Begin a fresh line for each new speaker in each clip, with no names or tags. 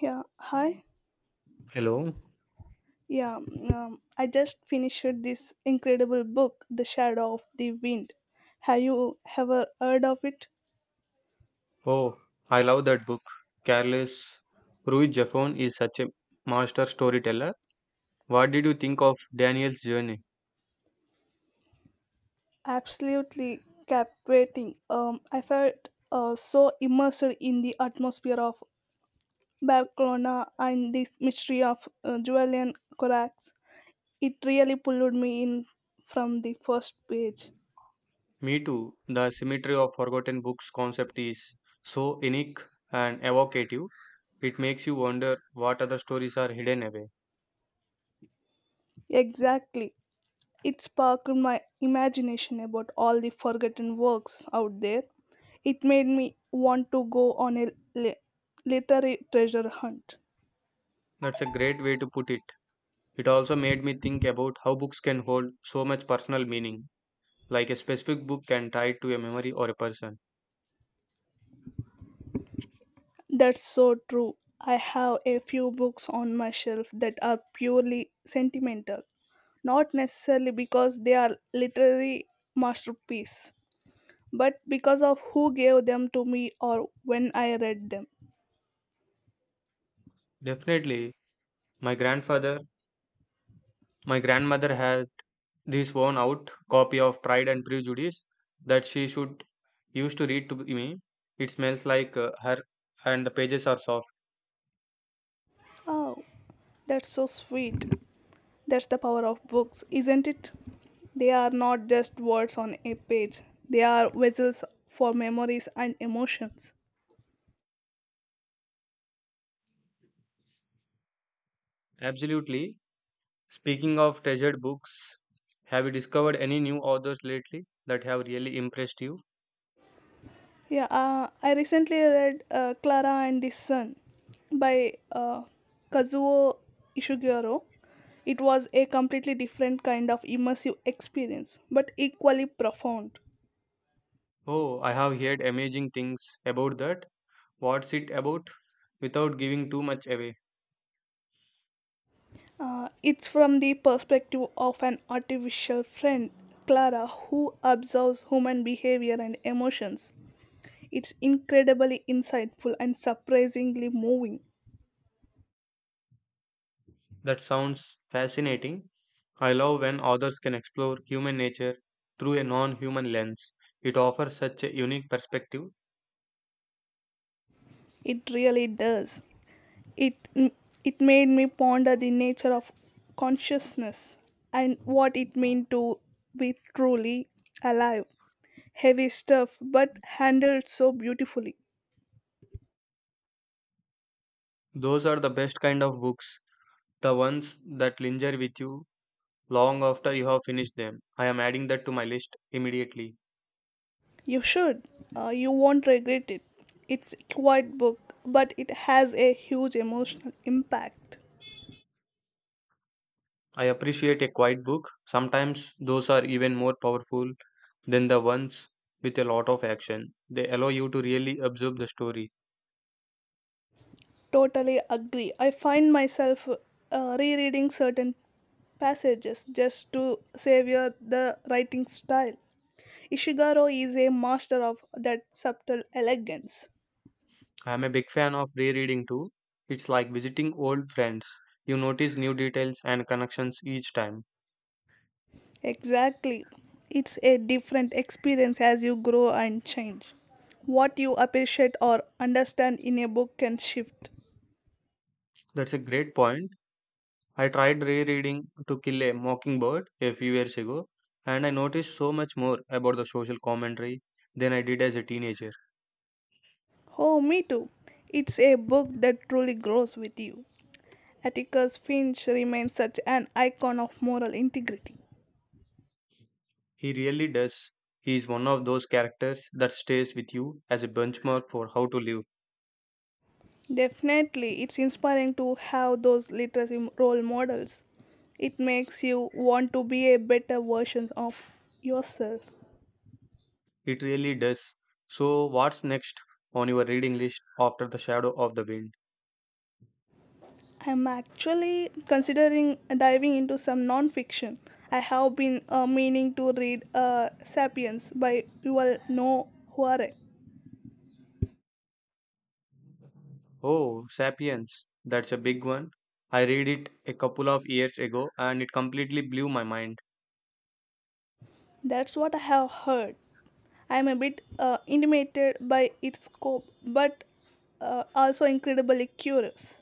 Yeah, hi.
Hello.
Yeah, I just finished this incredible book, The Shadow of the Wind. Have you ever heard of it?
Oh, I love that book. Careless. Ruy Jaffon is such a master storyteller. What did you think of Daniel's journey?
Absolutely captivating. I felt so immersed in the atmosphere of Barcelona and the mystery of Julian Corax. It really pulled me in from the first page.
Me too. The symmetry of forgotten books concept is so unique and evocative. It makes you wonder what other stories are hidden away.
Exactly. It sparked my imagination about all the forgotten works out there. It made me want to go on a li- literary treasure hunt.
That's a great way to put it. It also made me think about how books can hold so much personal meaning, like a specific book can tie it to a memory or a person.
That's so true. I have a few books on my shelf that are purely sentimental, not necessarily because they are literary masterpiece, but because of who gave them to me or when I read them.
Definitely, my grandfather, my grandmother has this worn out copy of Pride and Prejudice that she should used to read to me. It smells like her, and the pages are soft.
Oh, that's so sweet. That's the power of books, isn't it? They are not just words on a page, they are vessels for memories and emotions.
Absolutely. Speaking of treasured books, have you discovered any new authors lately that have really impressed you?
Yeah, I recently read Clara and the Sun by Kazuo Ishiguro. It was a completely different kind of immersive experience, but equally profound.
Oh, I have heard amazing things about that. What's it about? Without giving too much away.
It's from the perspective of an artificial friend, Clara, who observes human behavior and emotions. It's incredibly insightful and surprisingly moving.
That sounds fascinating. I love when authors can explore human nature through a non human lens. It offers such a unique perspective.
It really does. It it made me ponder the nature of consciousness and what it means to be truly alive. Heavy stuff, but handled so beautifully.
Those are the best kind of books, the ones that linger with you long after you have finished them. I am adding that to my list immediately.
You should. You won't regret it. It's a quiet book, but it has a huge emotional impact.
I appreciate a quiet book. Sometimes those are even more powerful than the ones with a lot of action. They allow you to really absorb the story.
Totally agree. I find myself rereading certain passages just to savor the writing style. Ishiguro is a master of that subtle elegance.
I'm a big fan of rereading too. It's like visiting old friends. You notice new details and connections each time.
Exactly. It's a different experience as you grow and change. What you appreciate or understand in a book can shift.
That's a great point. I tried rereading To Kill a Mockingbird a few years ago, and I noticed so much more about the social commentary than I did as a teenager.
Oh, me too. It's a book that truly grows with you. Atticus Finch remains such an icon of moral integrity.
He really does. He is one of those characters that stays with you as a benchmark for how to live.
Definitely, it's inspiring to have those literacy role models. It makes you want to be a better version of yourself.
It really does. So, what's next on your reading list after The Shadow of the Wind?
I'm actually considering diving into some non-fiction. I have been meaning to read *Sapiens* by Yuval Noah Huare.
Oh, Sapiens. That's a big one. I read it a couple of years ago and it completely blew my mind.
That's what I have heard. I'm a bit intimidated by its scope, but also incredibly curious.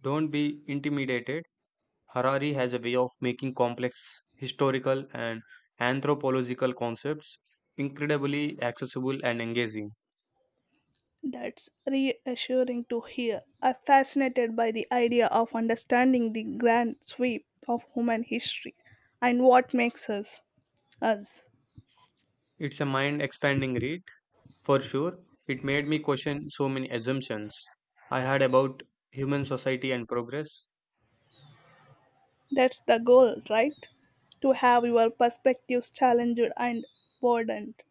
Don't be intimidated. Harari has a way of making complex historical and anthropological concepts incredibly accessible and engaging.
That's reassuring to hear. I'm fascinated by the idea of understanding the grand sweep of human history and what makes us us.
It's a mind expanding read, for sure. It made me question so many assumptions I had about human society and progress.
That's the goal, right? To have your perspectives challenged and broadened.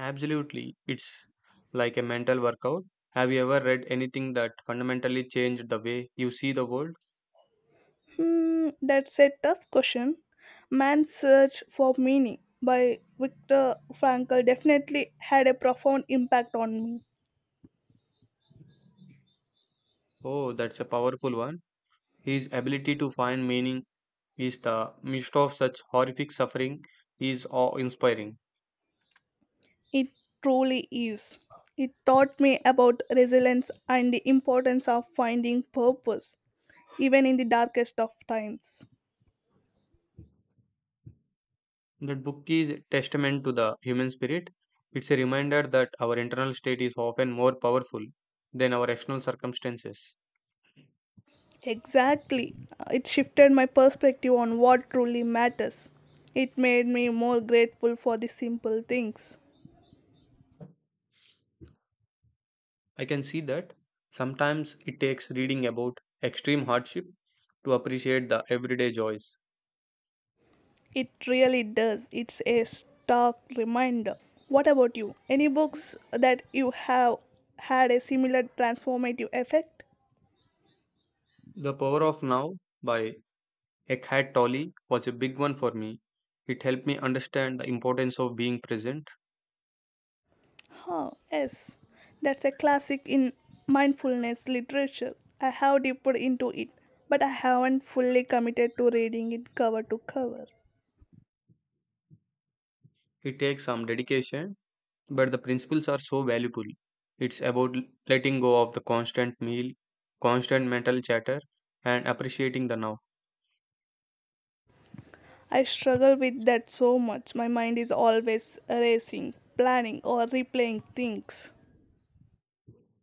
Absolutely. It's like a mental workout. Have you ever read anything that fundamentally changed the way you see the world?
Hmm, that's a tough question. Man's Search for Meaning by Viktor Frankl definitely had a profound impact on me.
Oh, that's a powerful one. His ability to find meaning is the midst of such horrific suffering is awe-inspiring.
It truly is. It taught me about resilience and the importance of finding purpose, even in the darkest of times.
That book is a testament to the human spirit. It's a reminder that our internal state is often more powerful than our external circumstances.
Exactly. It shifted my perspective on what truly matters. It made me more grateful for the simple things.
I can see that sometimes it takes reading about extreme hardship to appreciate the everyday joys.
It really does. It's a stark reminder. What about you? Any books that you have had a similar transformative effect?
The Power of Now by Eckhart Tolle was a big one for me. It helped me understand the importance of being present.
Huh, yes, that's a classic in mindfulness literature. I have dipped into it, but I haven't fully committed to reading it cover to cover.
It takes some dedication, but the principles are so valuable. It's about letting go of the constant meal, constant mental chatter, and appreciating the now.
I struggle with that so much. My mind is always racing, planning, or replaying things.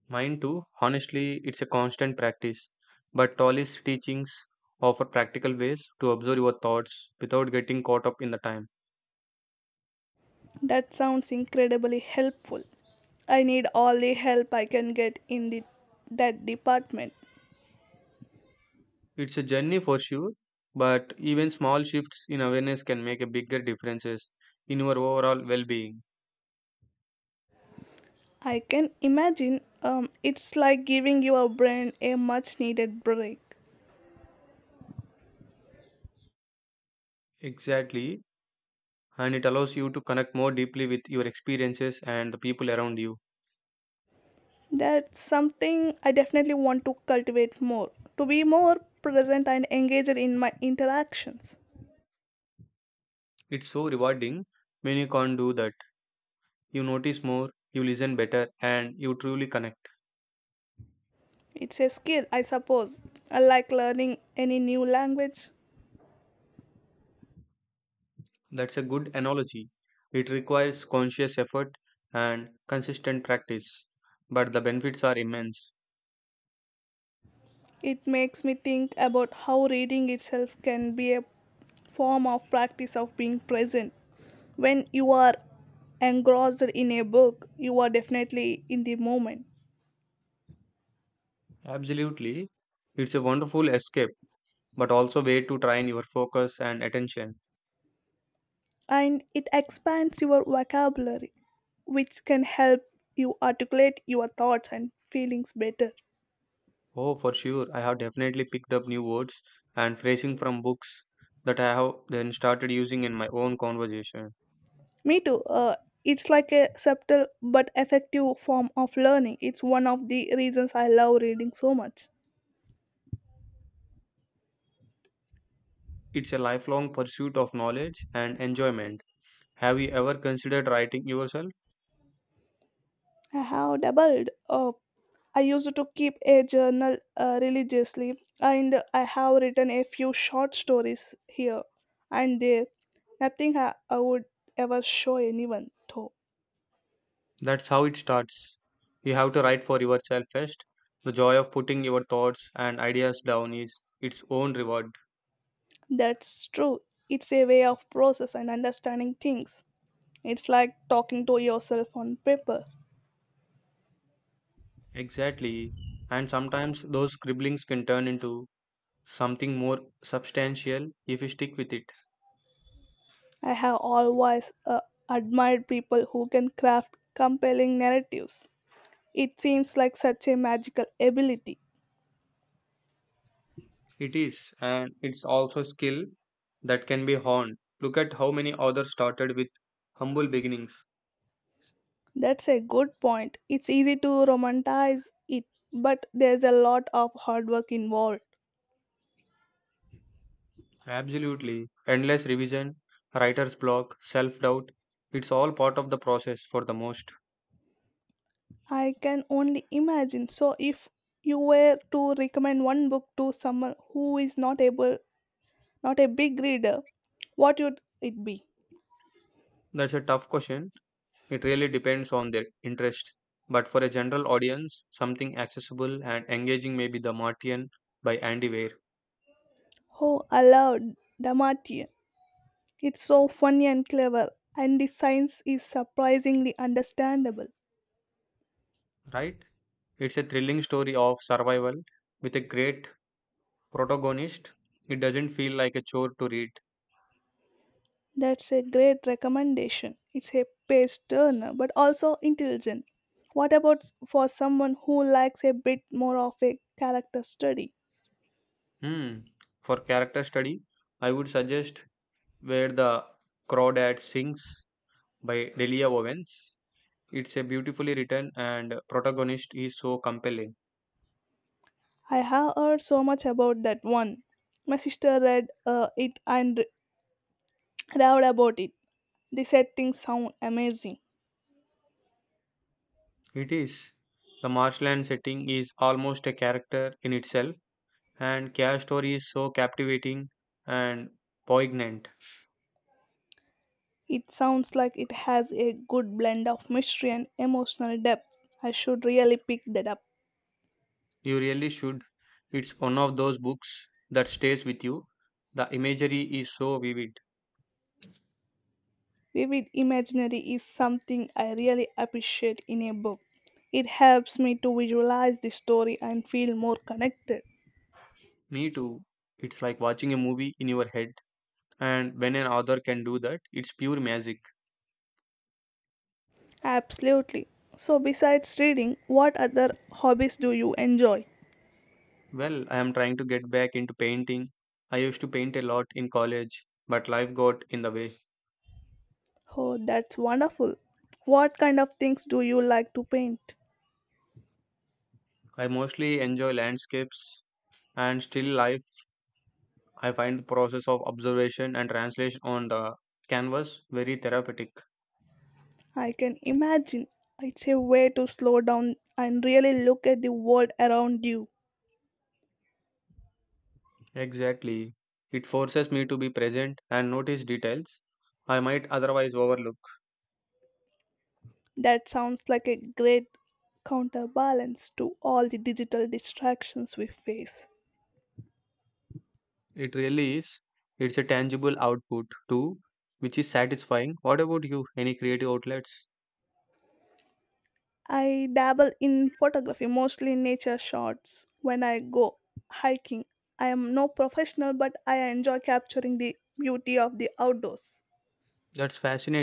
Mine too, honestly, it's a constant practice. But Tolle's teachings offer practical ways to observe your thoughts without getting caught up in the time.
That sounds incredibly helpful. I need all the help I can get in that department.
It's a journey for sure, but even small shifts in awareness can make a bigger differences in your overall well-being.
I can imagine, it's like giving your brain a much needed break.
Exactly, and it allows you to connect more deeply with your experiences and the people around you.
That's something I definitely want to cultivate more, to be more present and engaged in my interactions.
It's so rewarding when you can't do that. You notice more, you listen better, and you truly connect.
It's a skill, I suppose. I like learning any new language.
That's a good analogy. It requires conscious effort and consistent practice, but the benefits are immense.
It makes me think about how reading itself can be a form of practice of being present. When you are engrossed in a book, you are definitely in the moment.
Absolutely, it's a wonderful escape but also way to train your focus and attention.
And it expands your vocabulary, which can help you articulate your thoughts and feelings better.
Oh, for sure, I have definitely picked up new words and phrasing from books that I have then started using in my own conversation.
Me too. It's like a subtle but effective form of learning. It's one of the reasons I love reading so much.
It's a lifelong pursuit of knowledge and enjoyment. Have you ever considered writing yourself?
I have doubled up. I used to keep a journal religiously, and I have written a few short stories here and there. Nothing I would ever show anyone, though.
That's how it starts. You have to write for yourself first. The joy of putting your thoughts and ideas down is its own reward.
That's true. It's a way of process and understanding things. It's like talking to yourself on paper.
Exactly. And sometimes those scribblings can turn into something more substantial if you stick with it.
I have always admired people who can craft compelling narratives. It seems like such a magical ability.
It is, and it's also a skill that can be honed. Look at how many authors started with humble beginnings.
That's a good point. It's easy to romanticize it, but there's a lot of hard work involved.
Absolutely. Endless revision, writer's block, self doubt. It's all part of the process for the most.
I can only imagine. So, if you were to recommend one book to someone who is not able not a big reader. What would it be?
That's a tough question. It really depends on their interest. But for a general audience, something accessible and engaging may be The Martian by Andy Weir,
Oh, aloud, Damatian. It's so funny and clever, and the science is surprisingly understandable.
right? It's a thrilling story of survival with a great protagonist, it doesn't feel like a chore to read.
That's a great recommendation. It's a page turner, but also intelligent. What about for someone who likes a bit more of a character study?
Hmm. For character study, I would suggest Where the Crawdad Sings by Delia Owens. It's a beautifully written and protagonist is so compelling.
I have heard so much about that one. My sister read it and raved about it. The settings sound amazing.
It is. The marshland setting is almost a character in itself, and Cash Story is so captivating and poignant.
It sounds like it has a good blend of mystery and emotional depth. I should really pick that up.
You really should. It's one of those books that stays with you. The imagery is so vivid.
Vivid imaginary is something I really appreciate in a book. It helps me to visualize the story and feel more connected.
Me too. It's like watching a movie in your head. And when an author can do that, it's pure magic.
Absolutely. So, besides reading, what other hobbies do you enjoy?
Well, I am trying to get back into painting. I used to paint a lot in college, but life got in the way.
Oh, that's wonderful. What kind of things do you like to paint?
I mostly enjoy landscapes and still life. I find the process of observation and translation on the canvas very therapeutic.
I can imagine. It's a way to slow down and really look at the world around you.
Exactly. It forces me to be present and notice details I might otherwise overlook.
That sounds like a great counterbalance to all the digital distractions we face.
It really is. It's a tangible output too, which is satisfying. What about you? Any creative outlets?
I dabble in photography, mostly nature shots. When I go hiking, I am no professional, but I enjoy capturing the beauty of the outdoors.
That's fascinating.